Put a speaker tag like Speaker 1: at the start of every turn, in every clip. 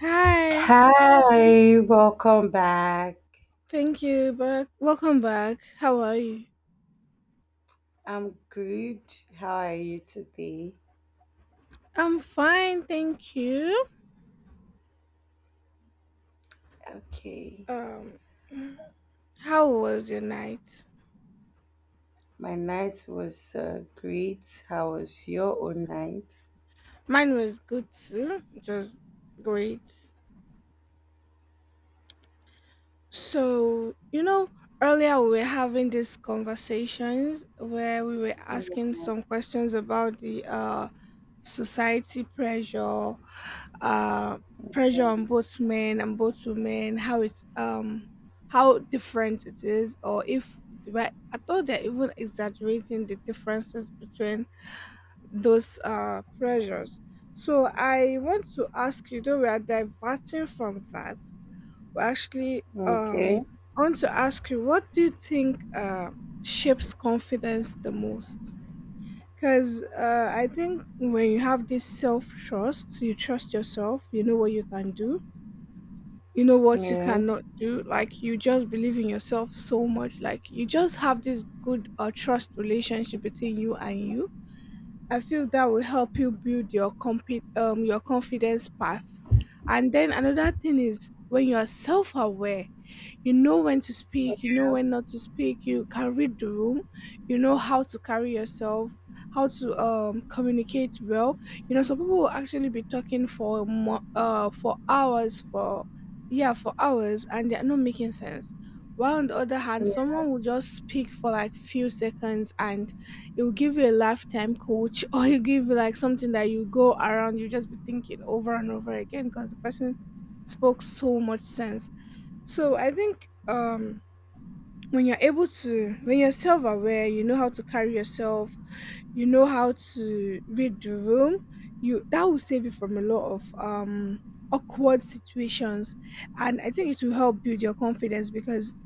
Speaker 1: Hi,
Speaker 2: Hi, welcome back.
Speaker 1: thank you, but welcome back. How are you?
Speaker 2: I'm good. How are you today?
Speaker 1: I'm fine, thank you.
Speaker 2: Okay,
Speaker 1: Um, how was your night?
Speaker 2: my night was great. How was your own night?
Speaker 1: Mine was good too, just great. So, you know, earlier we were having these conversations where we were asking some questions about the society pressure, uh pressure
Speaker 2: Yeah.
Speaker 1: on both men and both women, how it's how different it is, or if, but I thought they're even exaggerating the differences between those pressures. So I want to ask you, though we are diverting from that, we actually
Speaker 2: Okay.
Speaker 1: I want to ask you, what do you think shapes confidence the most? Because I think when you have this self trust, you trust yourself, you know what you can do, you know what you
Speaker 2: Yeah.
Speaker 1: cannot do. Like, you just believe in yourself so much. Like, you just have this good trust relationship between you and you. I feel that will help you build your your confidence path. And then another thing is when you are self aware, you know when to speak, you know when not to speak, you can read the room, you know how to carry yourself, how to communicate well. You know, some people will actually be talking for for hours, for yeah, for hours, and they're not making sense. While on the other hand, someone will just speak for like few seconds, and it will give you a lifetime coach or you give you like something that you go around you just be thinking over and over again, because the person spoke so much sense. So I think when you're able to, when you're self-aware, you know how to carry yourself, you know how to read the room, you, that will save you from a lot of awkward situations. And I think it will help build your confidence because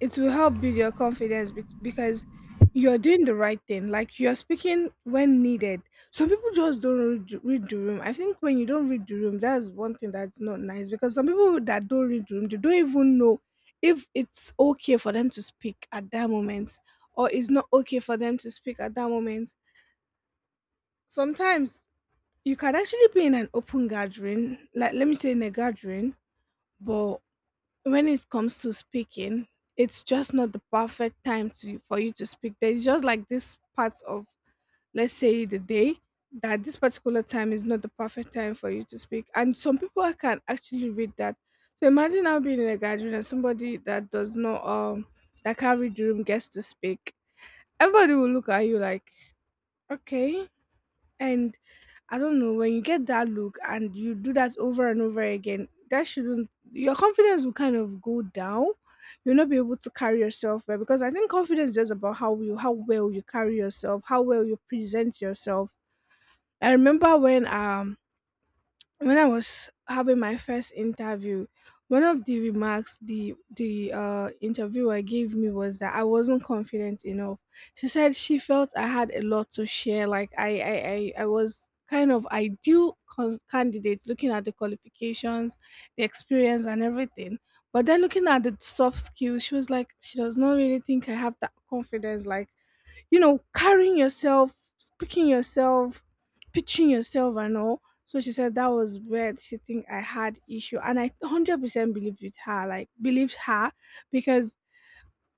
Speaker 1: it will help build your confidence because you're doing the right thing, like you're speaking when needed. Some people just don't read the room. I think when you don't read the room, that's one thing that's not nice, because some people that don't read the room, they don't even know if it's okay for them to speak at that moment, or it's not okay for them to speak at that moment. Sometimes you can actually be in an open gathering, like let me say in a gathering, but when it comes to speaking, it's just not the perfect time to for you to speak. There's just like this part of, let's say, the day that this particular time is not the perfect time for you to speak. And some people can actually read that. So imagine now being in a gathering and somebody that does not that can't read the room gets to speak. Everybody will look at you like, okay, and I don't know, when you get that look and you do that over and over again, that shouldn't, your confidence will kind of go down. You'll not be able to carry yourself well, because I think confidence is just about how you, how well you carry yourself, how well you present yourself. I remember when I was having my first interview, one of the remarks the interviewer gave me was that I wasn't confident enough. She said she felt I had a lot to share. Like I was kind of ideal candidate, looking at the qualifications, the experience, and everything. But then looking at the soft skills, she was like, she does not really think I have that confidence. Like, you know, carrying yourself, speaking yourself, pitching yourself and all. So she said that was where she think I had issue. And I 100% believed with her, like believed her, because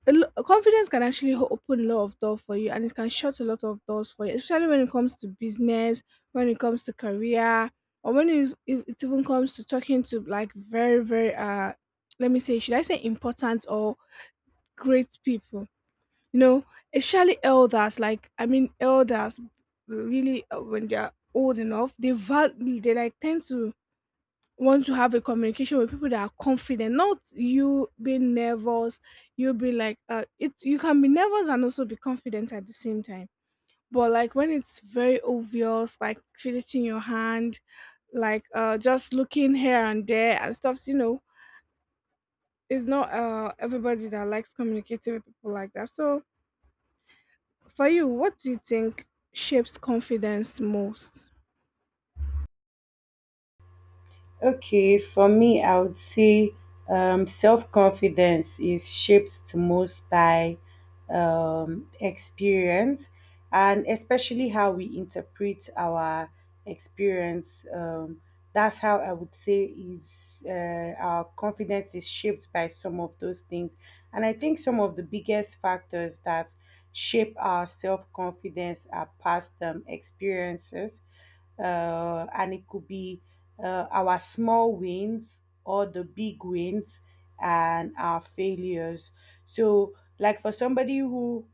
Speaker 1: confidence can actually open a lot of doors for you, and it can shut a lot of doors for you, especially when it comes to business, when it comes to career, or when it even comes to talking to like very, very, let me say, should I say important or great people? You know, especially elders, like I mean elders, really when they're old enough they they like tend to want to have a communication with people that are confident, not you being nervous. You'll be like it. You can be nervous and also be confident at the same time, but like when it's very obvious, like fidgeting your hand, like just looking here and there and stuff, you know, it's not everybody that likes communicating with people like that. So for you, what do you think shapes confidence most?
Speaker 2: Okay, for me, I would say self confidence is shaped the most by experience, and especially how we interpret our experience. Um, that's how I would say is, our confidence is shaped by some of those things. And I think some of the biggest factors that shape our self confidence are past experiences, and it could be our small wins or the big wins and our failures. So, like for somebody who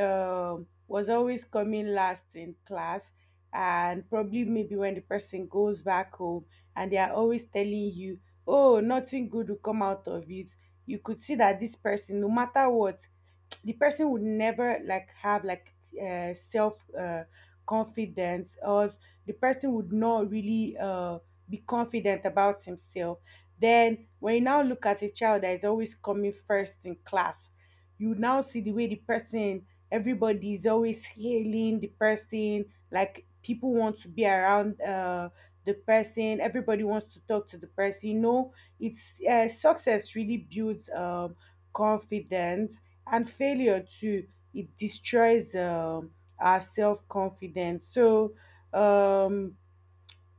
Speaker 2: was always coming last in class, and probably maybe when the person goes back home and they are always telling you, oh, nothing good will come out of it. You could see that this person, no matter what, the person would never like have like self confidence, or the person would not really be confident about himself. Then when you now look at a child that is always coming first in class, you now see the way the person, everybody is always hailing the person, like people want to be around the person, everybody wants to talk to the person, you know. It's, success really builds confidence, and failure too, it destroys our self confidence. So um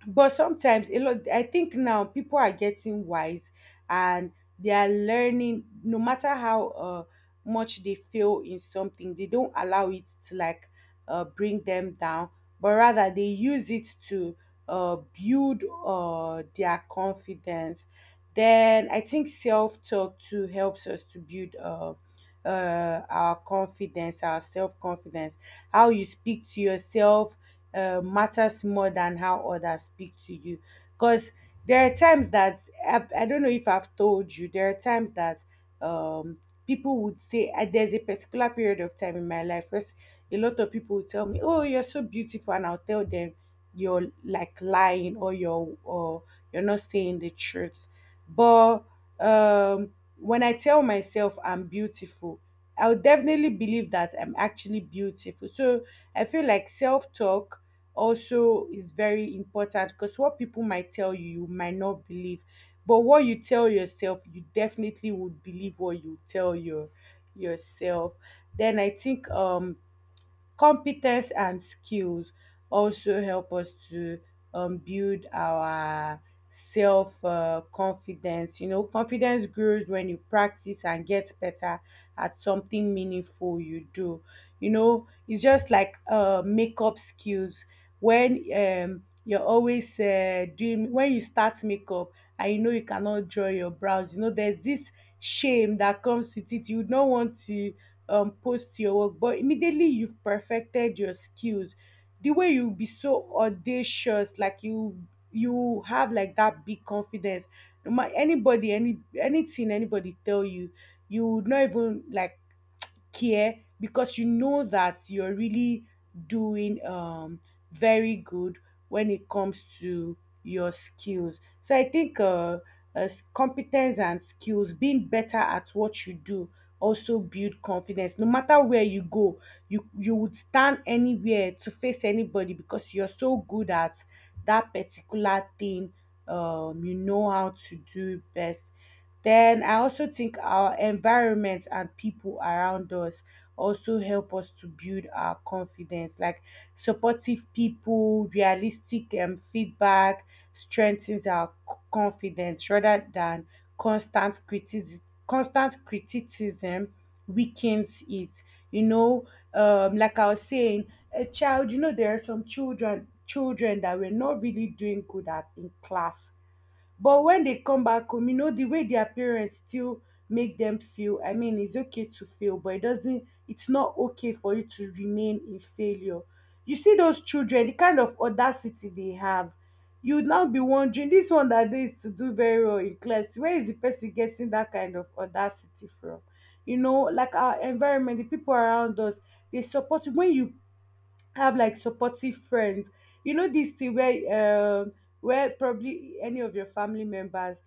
Speaker 2: but sometimes a lot, I think now people are getting wise, and they are learning no matter how much they fail in something, they don't allow it to like bring them down, but rather they use it to build their confidence. Then I think self-talk too helps us to build our confidence, our self-confidence. How you speak to yourself matters more than how others speak to you, because there are times that I do not know if I've told you, there are times that um people would say, there's a particular period of time in my life. First, a lot of people would tell me, oh, you're so beautiful, and I'll tell them, you're like lying, or you're not saying the truth. But um when I tell myself I'm beautiful, I would definitely believe that I'm actually beautiful. So I feel like self-talk also is very important, because what people might tell you, you might not believe. But what you tell yourself, you definitely would believe what you tell yourself. Then I think competence and skills also help us to build our self confidence. You know, confidence grows when you practice and get better at something meaningful you do. You know, it's just like makeup skills. When you're always doing, when you start makeup and you know you cannot draw your brows, you know there's this shame that comes with it. You don't want to post your work, but immediately you've perfected your skills, the way you'll be so audacious, like you have like that big confidence. No matter anybody, anything anybody tell you, you would not even like care, because you know that you're really doing very good when it comes to your skills. So I think uh competence and skills, being better at what you do, also build confidence. No matter where you go, you would stand anywhere to face anybody, because you're so good at that particular thing, you know how to do best. Then I also think our environment and people around us also help us to build our confidence, like supportive people, realistic feedback strengthens our confidence rather than constant criticism. Constant criticism weakens it. You know, like I was saying, a child. You know, there are some children that were not really doing good at in class, but when they come back home, you know, the way their parents still make them feel, I mean, it's okay to fail, but it doesn't, it's not okay for you to remain in failure. You see those children, the kind of audacity they have, you would now be wondering, this one that they used to do very well in class, where is the person getting that kind of audacity from? You know, like our environment, the people around us, they support you. When you have like supportive friends, you know this thing where probably any of your family members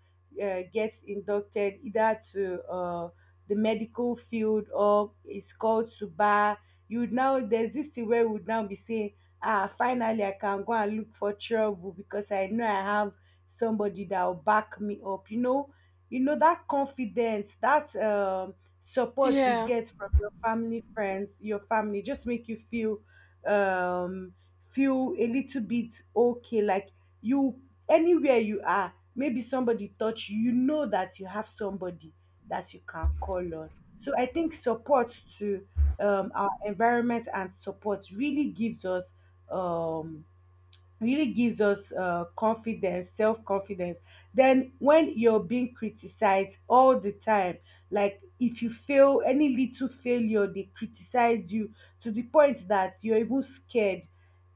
Speaker 2: gets inducted either to the medical field or is called to bar, you would now, there's this thing where we would now be saying, ah, finally I can go and look for trouble, because I know I have somebody that will back me up, you know. You know that confidence, that support you
Speaker 1: Yeah.
Speaker 2: get from your family friends, your family, just make you feel um feel a little bit okay, like you, anywhere you are, maybe somebody touch you, you know that you have somebody that you can call on. So I think support to, our environment and support um really gives us confidence, self confidence. Then, when you're being criticized all the time, like if you fail any little failure, they criticize you to the point that you're even scared.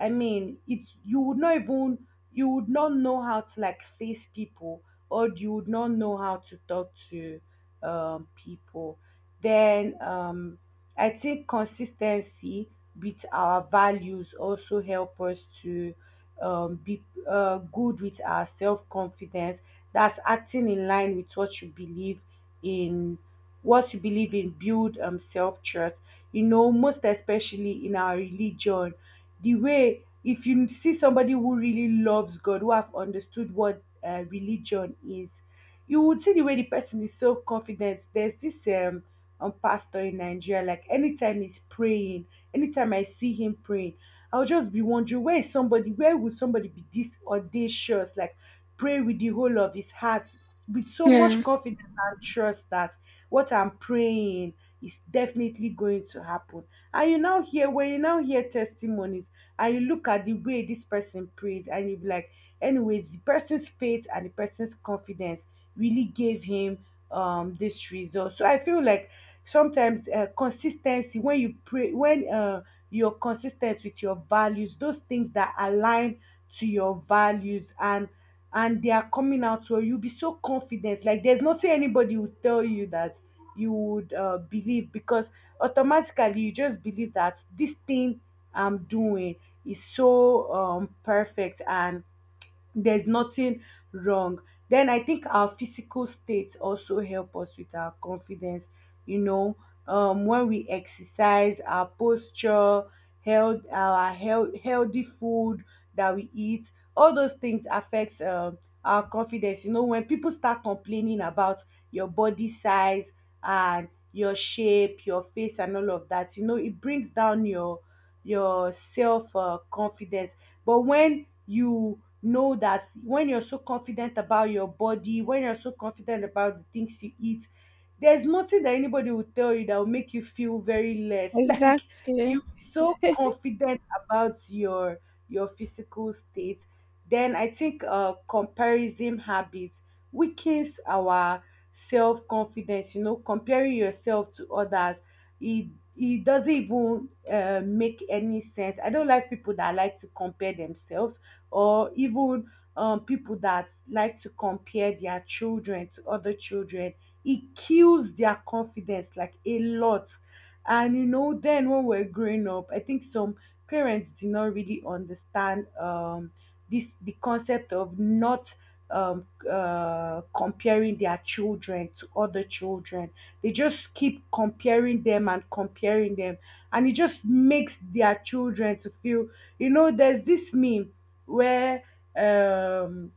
Speaker 2: I mean, it, you would not even, you would not know how to like face people, or you would not know how to talk to people. Then, I think consistency with our values also help us to be good with our self confidence. That's acting in line with what you believe in. What you believe in build self trust. You know, most especially in our religion, the way if you see somebody who really loves God, who have understood what religion is, you would see the way the person is self confident. There's this pastor in Nigeria. Like anytime he's praying, anytime I see him praying, I'll just be wondering, where is somebody, where would somebody be this audacious, like pray with the whole of his heart, with so
Speaker 1: Yeah.
Speaker 2: much confidence and trust that what I'm praying is definitely going to happen. And you now hear when you now hear testimonies and you look at the way this person prays, and you be like, anyways the person's faith and the person's confidence really gave him this result. So I feel like sometimes, consistency, when you pray, when you're consistent with your values, those things that align to your values, and they are coming out, so you'll be so confident, like there's nothing anybody will tell you that you would believe, because automatically you just believe that this thing I'm doing is so perfect and there's nothing wrong. Then I think our physical state also help us with our confidence. You know, when we exercise, our posture, health, healthy food that we eat, all those things affects our confidence. You know, when people start complaining about your body size and your shape, your face, and all of that, you know, it brings down your self confidence. But when you know that, when you're so confident about your body, when you're so confident about the things you eat, there's nothing that anybody will tell you that will make you feel very less. Like
Speaker 1: Exactly.
Speaker 2: you be so confident about your physical state. Then I think comparison habits weakens our self confidence. You know, comparing yourself to others, it it doesn't even make any sense. I don't like people that like to compare themselves, or even people that like to compare their children to other children. It kills their confidence like a lot. And you know, then when we're growing up, I think some parents did not really understand this the concept of not, comparing their children to other children. They just keep comparing them, and it just makes their children to feel, you know, there's this meme where um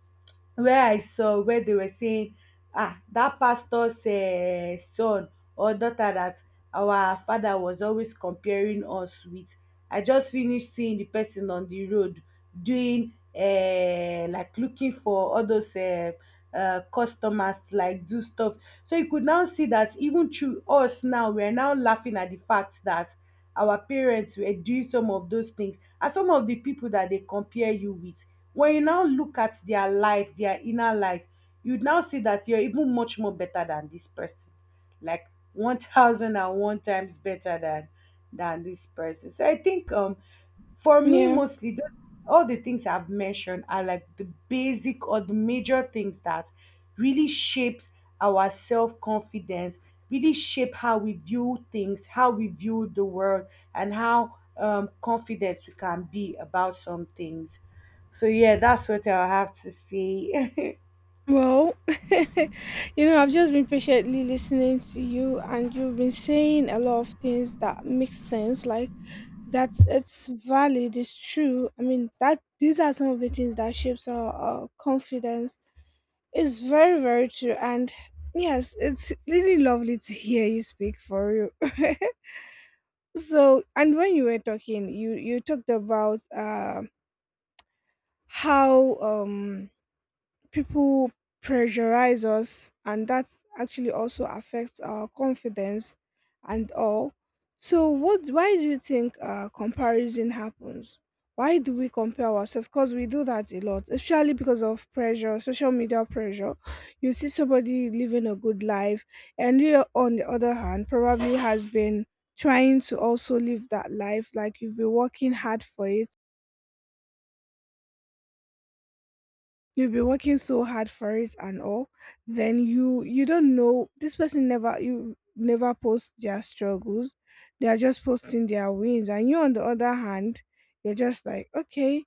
Speaker 2: where I saw, where they were saying, ah, that pastor's son or daughter that our father was always comparing us with, I just finished seeing the person on the road doing like looking for all those customers to, like, do stuff. So you could now see that even through us now, we are now laughing at the fact that our parents were doing some of those things, and some of the people that they compare you with, when you now look at their life, their inner life, you now see that you're even much more better than this person. Like 1001 times better than this person. So I think for me
Speaker 1: Yeah.
Speaker 2: all the things I've mentioned are like the basic or the major things that really shapes our self-confidence, really shape how we view things, how we view the world and how confident we can be about some things. So yeah, that's what I have to say.
Speaker 1: Well, you know, I've just been patiently listening to you, and you've been saying a lot of things that make sense, like that it's valid, it's true. I mean, that these are some of the things that shapes our confidence. It's very, very true. And yes, it's really lovely to hear you speak for you. So, and when you were talking, you talked about how people pressurize us, and that actually also affects our confidence and all. So what, why do you think comparison happens? Why do we compare ourselves? Because we do that a lot, especially because of pressure, social media pressure. You see somebody living a good life, and you on the other hand probably has been trying to also live that life, like you've been working hard for it, you've been working so hard for it and all. Then you don't know, this person never, you never post their struggles, they are just posting their wins. And you on the other hand, you're just like, okay,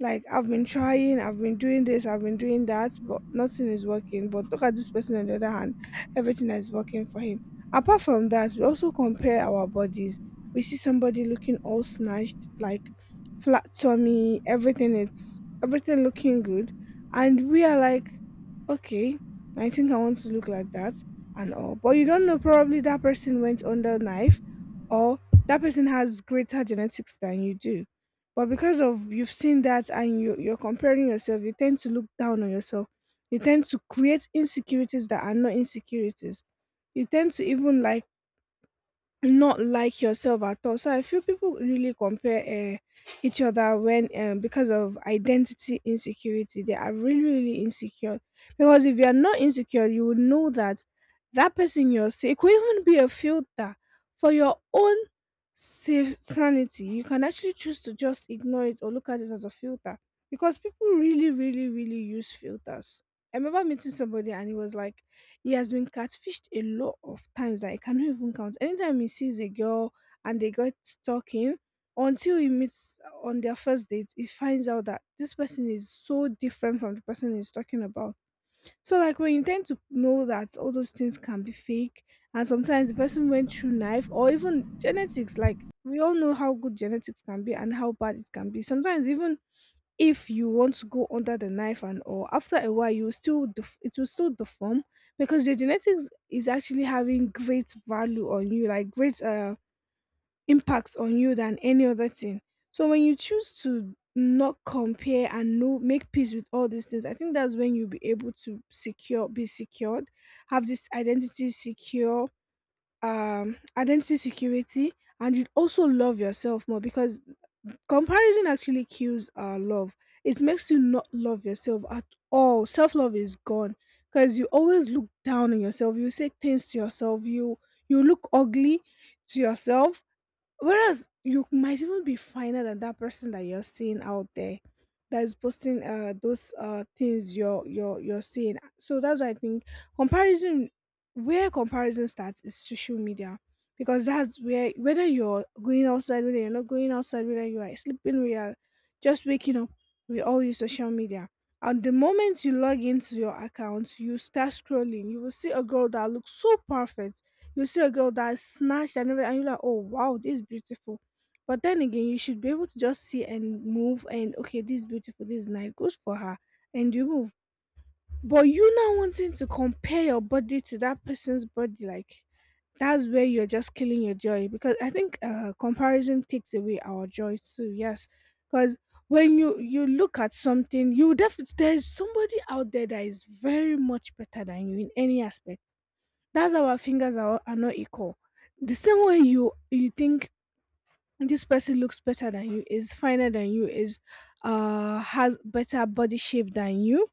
Speaker 1: like I've been trying, I've been doing this, I've been doing that, but nothing is working. But look at this person on the other hand, everything is working for him. Apart from that, we also compare our bodies. We see somebody looking all snatched, like flat tummy, everything, it's everything looking good, and we are like, okay, I think I want to look like that and all. But you don't know, probably that person went under knife, or that person has greater genetics than you do. But because of, you've seen that and you're comparing yourself, you tend to look down on yourself. You tend to create insecurities that are not insecurities. You tend to even like not like yourself at all. So I feel people really compare each other when, because of identity insecurity. They are really really insecure, because if you are not insecure, you will know that that person you're seeing, it could even be a filter for your own safe sanity. You can actually choose to just ignore it or look at it as a filter, because people really really really use filters. I remember meeting somebody, and he was like he has been catfished a lot of times that I cannot even count. Anytime he sees a girl and they get talking, until he meets on their first date, he finds out that this person is so different from the person he's talking about. So, like, when you tend to know that all those things can be fake, and sometimes the person went through knife or even genetics, like, we all know how good genetics can be and how bad it can be. Sometimes, even if you want to go under the knife and all, after a while you will still it will still deform, because your genetics is actually having great value on you, like great impact on you than any other thing. So when you choose to not compare and know, make peace with all these things, I think that's when you'll be able to secure be secured, have this identity secure, identity security. And you'd also love yourself more, because comparison actually kills our love. It makes you not love yourself at all. Self love is gone, because you always look down on yourself. You say things to yourself. You look ugly to yourself. Whereas you might even be finer than that person that you're seeing out there, that is posting those things you're seeing. So that's why I think comparison, where comparison starts is social media. Because that's where, whether you're going outside, whether you're not going outside, whether you are sleeping, whether you are just waking up, we all use social media. And the moment you log into your account, you start scrolling, you will see a girl that looks so perfect, you see a girl that's snatched and everything, and you're like, oh wow, this is beautiful. But then again, you should be able to just see and move and, okay, this is beautiful, this is nice, good for her, and you move. But you now wanting to compare your body to that person's body, like that's where you're just killing your joy because I think comparison takes away our joy too. Yes, because when you look at something, you definitely there's somebody out there that is very much better than you in any aspect. That's how our fingers are not equal. The same way you think this person looks better than you, is finer than you, is has better body shape than you,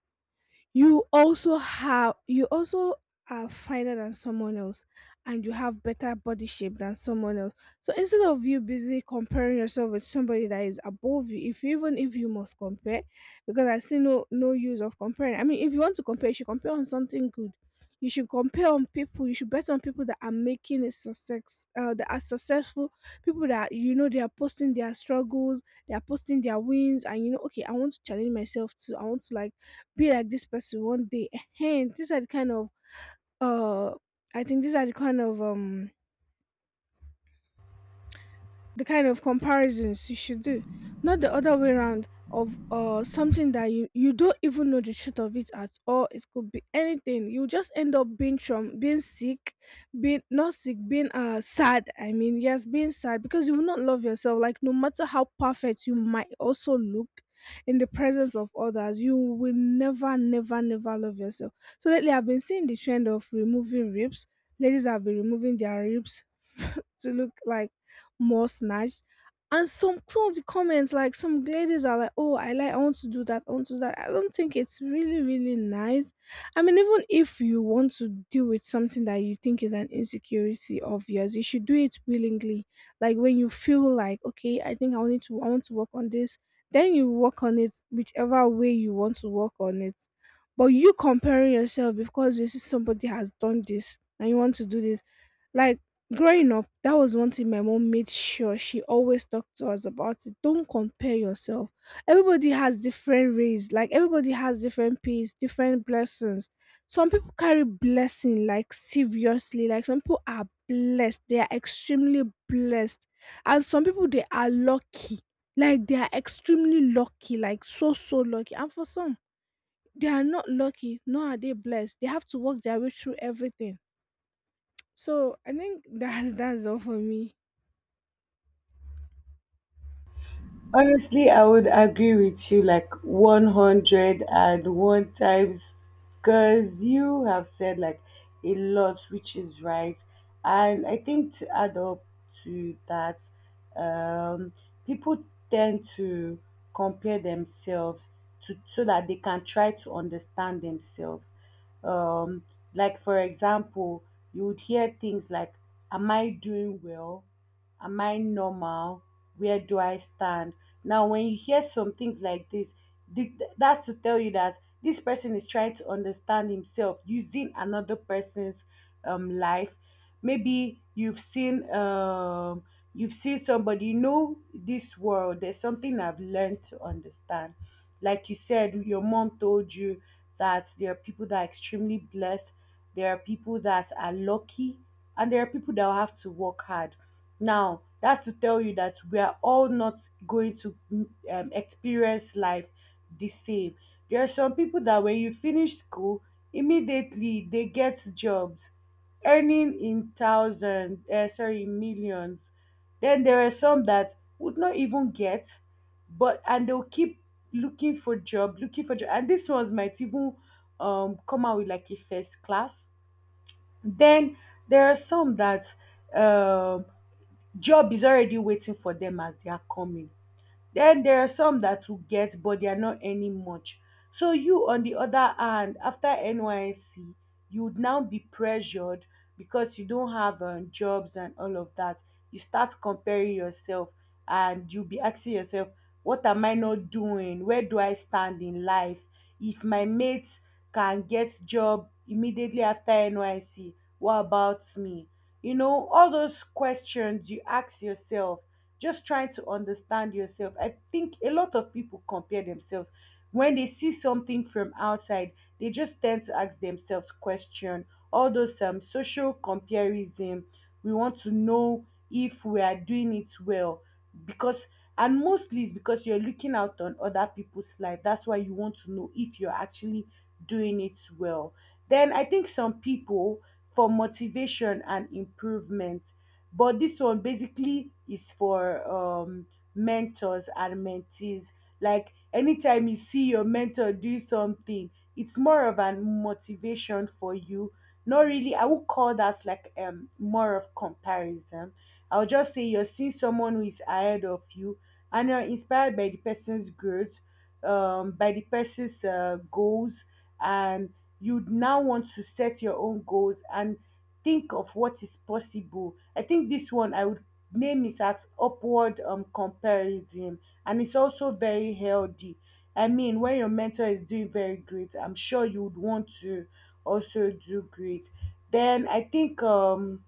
Speaker 1: you also are finer than someone else, and you have better body shape than someone else. So instead of you busy comparing yourself with somebody that is above you, if you- even if you must compare, because I see no use of comparing, I mean if you want to compare you should compare on something good. You should compare on people, you should bet on people that are making a success, that are successful, people that you know they are posting their struggles, they are posting their wins, and you know, okay, I want to challenge myself too, I want to like be like this person one day. Hey, these are the kind of uh I think these are the kind of comparisons you should do, not the other way around of something that you don't even know the truth of it at all. It could be anything. You just end up being, from being sick, being not sick, being sad, I mean, yes, being sad, because you will not love yourself. Like no matter how perfect you might also look in the presence of others, you will never, never, never love yourself. So lately I've been seeing the trend of removing ribs, ladies have been removing their ribs to look like more snatched. And some of the comments, like some ladies are like, "Oh, I like, I want to do that, I want to do that." I don't think it's really, really nice. I mean, even if you want to deal with something that you think is an insecurity of yours, you should do it willingly. Like when you feel like, okay, I think I need to, I want to work on this. Then you work on it whichever way you want to work on it. But you comparing yourself because you see somebody has done this and you want to do this, like growing up, that was one thing my mom made sure she always talked to us about it. Don't compare yourself. Everybody has different rays, like everybody has different peace, different blessings. Some people carry blessing like seriously, like some people are blessed, they are extremely blessed. And some people they are lucky. Like they are extremely lucky, like so lucky. And for some, they are not lucky, nor are they blessed. They have to work their way through everything. So I think that that's all for me.
Speaker 2: Honestly, I would agree with you like 101 times because you have said like a lot, which is right. And I think to add up to that, um, people tend to compare themselves to so that they can try to understand themselves. Um, like, for example, you would hear things like, am I doing well? Am I normal? Where do I stand? Now, when you hear some things like this, that's to tell you that this person is trying to understand himself using another person's life. Maybe you've seen, you've seen somebody you know this world. There's something I've learned to understand. Like you said, your mom told you that there are people that are extremely blessed. There are people that are lucky, and there are people that will have to work hard. Now, that's to tell you that we are all not going to experience life the same. There are some people that when you finish school, immediately they get jobs, earning in thousands, sorry, millions. Then there are some that would not even get, but and they'll keep looking for job, and these ones might even come out with like a first class. Then there are some that um job is already waiting for them as they are coming. Then there are some that will get but they are not earning much. So you on the other hand after NYSC you would now be pressured because you don't have jobs and all of that. You start comparing yourself and you'll be asking yourself, what am I not doing? Where do I stand in life? If my mates can get job immediately after N.Y.C., what about me? You know, all those questions you ask yourself, just trying to understand yourself. I think a lot of people compare themselves when they see something from outside. They just tend to ask themselves question. All those social comparison. We want to know if we are doing it well because, and mostly it's because you're looking out on other people's life. That's why you want to know if you're actually doing it well. Then I think some people for motivation and improvement, but this one basically is for mentors and mentees. Like anytime you see your mentor do something, it's more of a motivation for you. Not really, I would call that like more of comparison. I'll just say you're seeing someone who is ahead of you and you're inspired by the person's growth, by the person's goals, and you now want to set your own goals and think of what is possible. I think this one I would name is at upward comparison, and it's also very healthy. I mean, when your mentor is doing very great, I'm sure you would want to also do great. Then I think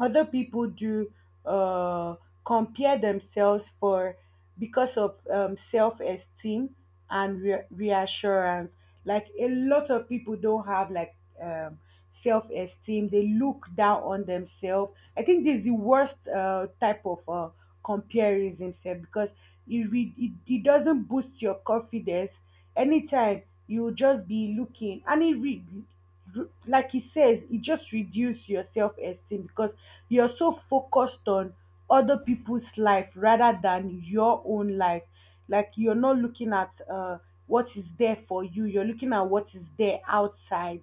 Speaker 2: other people do uh, compare themselves for because of self-esteem and reassurance. Like a lot of people don't have like um, self-esteem, they look down on themselves. I think this is the worst type of comparison self because it doesn't boost your confidence. Anytime you will just be looking and like he says it just reduces your self-esteem because you're so focused on other people's life rather than your own life. Like you're not looking at what is there for you, you're looking at what is there outside.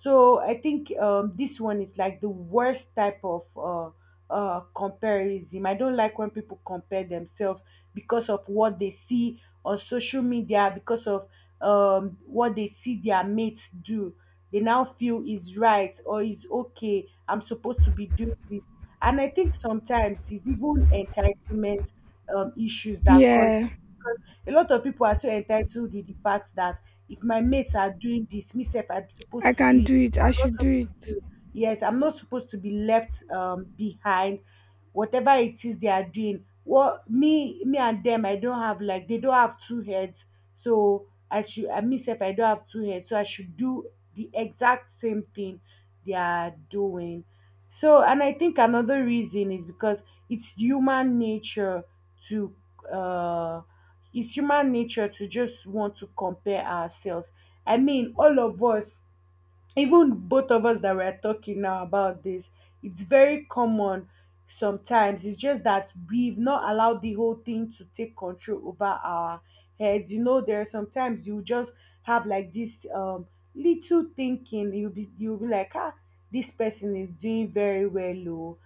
Speaker 2: So I think this one is like the worst type of comparison. I don't like when people compare themselves because of what they see on social media, because of what they see their mates do, they now feel is right or is okay. I'm supposed to be doing this. And I think sometimes it's even entitlement issues that cause,
Speaker 1: Yeah,
Speaker 2: because a lot of people are so entitled with the fact that if my mates are doing this, myself I'm
Speaker 1: I
Speaker 2: supposed to do
Speaker 1: can
Speaker 2: it.
Speaker 1: do it. I
Speaker 2: I'm not
Speaker 1: should do
Speaker 2: supposed
Speaker 1: it.
Speaker 2: to. Yes, I'm not supposed to be left behind whatever it is they are doing. What, me and them, I don't have like, they don't have two heads, so I should I myself, I don't have two heads, so I should do the exact same thing they are doing. So and I think another reason is because it's human nature to uh it's human nature to just want to compare ourselves. I mean, all of us, even both of us that we're talking now about this, it's very common sometimes. It's just that we've not allowed the whole thing to take control over our heads. You know, there are sometimes you just have like this little thinking. You'll be like, ah, this person is doing very well, oh,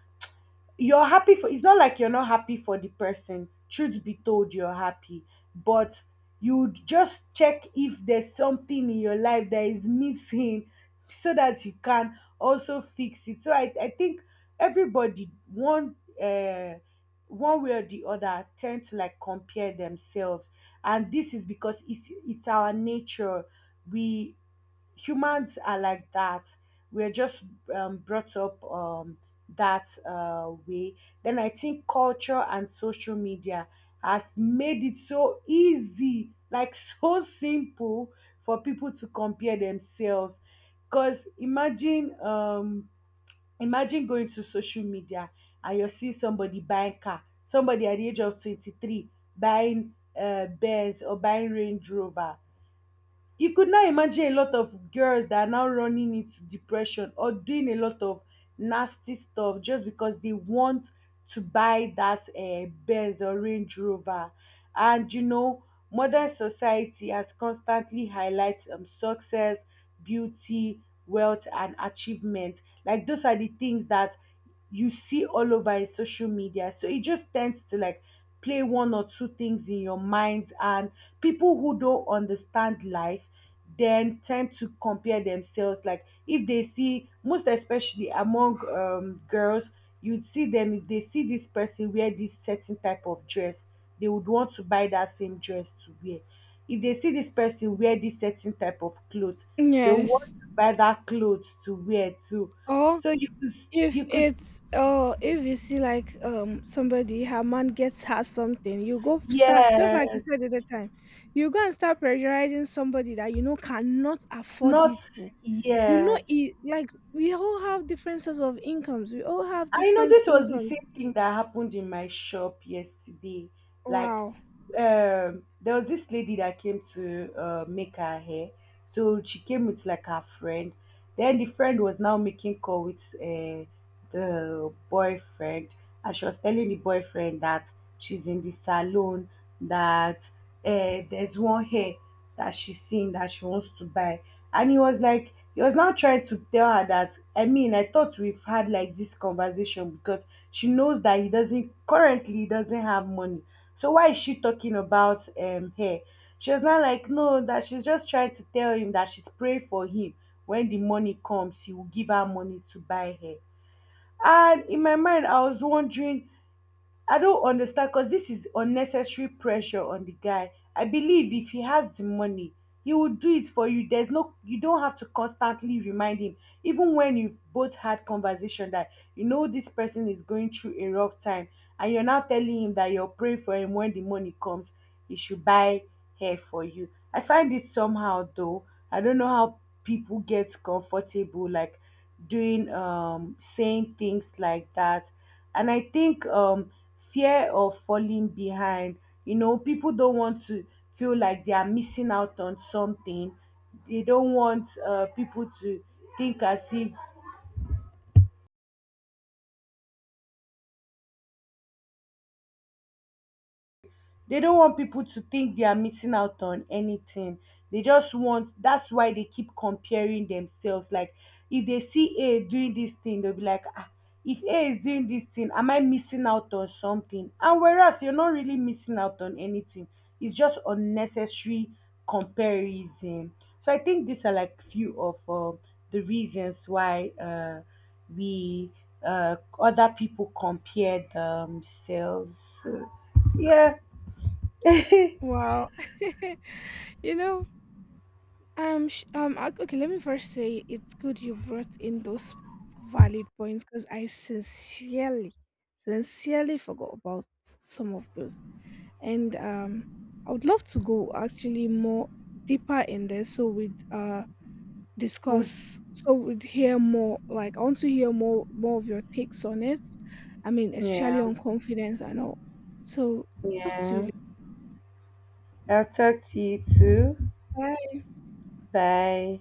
Speaker 2: you're happy for, it's not like you're not happy for the person, truth be told, you're happy, but you just check if there's something in your life that is missing so that you can also fix it. So I think everybody one uh one way or the other tend to like compare themselves, and this is because it's our nature. We humans are like that. We're just brought up that way. Then I think culture and social media has made it so easy, like so simple for people to compare themselves. Because imagine going to social media and you see somebody buying car, somebody at the age of 23 buying Benz or buying Range Rover. You could now imagine a lot of girls that are now running into depression or doing a lot of nasty stuff just because they want to buy that Benz or Range Rover. And you know, modern society has constantly highlighted success, beauty, wealth, and achievement. Like those are the things that you see all over in social media. So it just tends to like play one or two things in your mind, and people who don't understand life then tend to compare themselves. Like if they see, most especially among girls, you'd see them, if they see this person wear this certain type of dress, they would want to buy that same dress to wear. If they see this person wear this certain type of clothes, they will
Speaker 1: Yes.
Speaker 2: want to buy that clothes to wear too.
Speaker 1: Or
Speaker 2: So you could
Speaker 1: if
Speaker 2: you could
Speaker 1: it's, or if you see like somebody her man gets her something, you go start just
Speaker 2: yes,
Speaker 1: like you said at the time, you go and start pressurizing somebody that you know cannot afford
Speaker 2: not,
Speaker 1: it to. You know
Speaker 2: yes,
Speaker 1: it, like we all have different sorts of incomes. We all have
Speaker 2: I know
Speaker 1: different
Speaker 2: this was the
Speaker 1: incomes.
Speaker 2: same thing that happened in my shop yesterday. Like,
Speaker 1: Wow.
Speaker 2: there was this lady that came to make her hair. So she came with like her friend. Then the friend was now making call with the boyfriend, and she was telling the boyfriend that she's in the salon, that there's one hair that she's seen that she wants to buy. And he was now trying to tell her that, I mean, I thought we've had like this conversation because she knows that he doesn't currently he doesn't have money. So why is she talking about hair? She was not like, no, that she's just trying to tell him that she's praying for him, when the money comes he will give her money to buy hair. And in my mind I was wondering, I don't understand because this is unnecessary pressure on the guy. I believe if he has the money, he will do it for you. There's no, you don't have to constantly remind him. Even when you both had conversation that you know this person is going through a rough time, and you're now telling him that you're praying for him when the money comes, he should buy hair for you. I find it somehow though. I don't know how people get comfortable like doing saying things like that, and I think fear of falling behind. You know, people don't want to feel like they are missing out on something. They don't want people to think as if They don't want people to think they are missing out on anything. They just want That's why they keep comparing themselves. Like if they see A doing this thing, they'll be like, ah, if A is doing this thing, am I missing out on something? And whereas you're not really missing out on anything, it's just unnecessary comparison. So I think these are like few of the reasons why we other people compare themselves. So, yeah,
Speaker 1: Wow. You know, okay, let me first say it's good you brought in those valid points, because I sincerely, sincerely forgot about some of those. And I would love to go actually more deeper in there so we'd
Speaker 2: would,
Speaker 1: discuss, so we'd hear more. Like, I want to hear more, more of your takes on it. I mean, especially
Speaker 2: Yeah,
Speaker 1: on confidence and all. So, talk to
Speaker 2: yeah.
Speaker 1: you
Speaker 2: I'll talk to you too.
Speaker 1: later.
Speaker 2: Bye.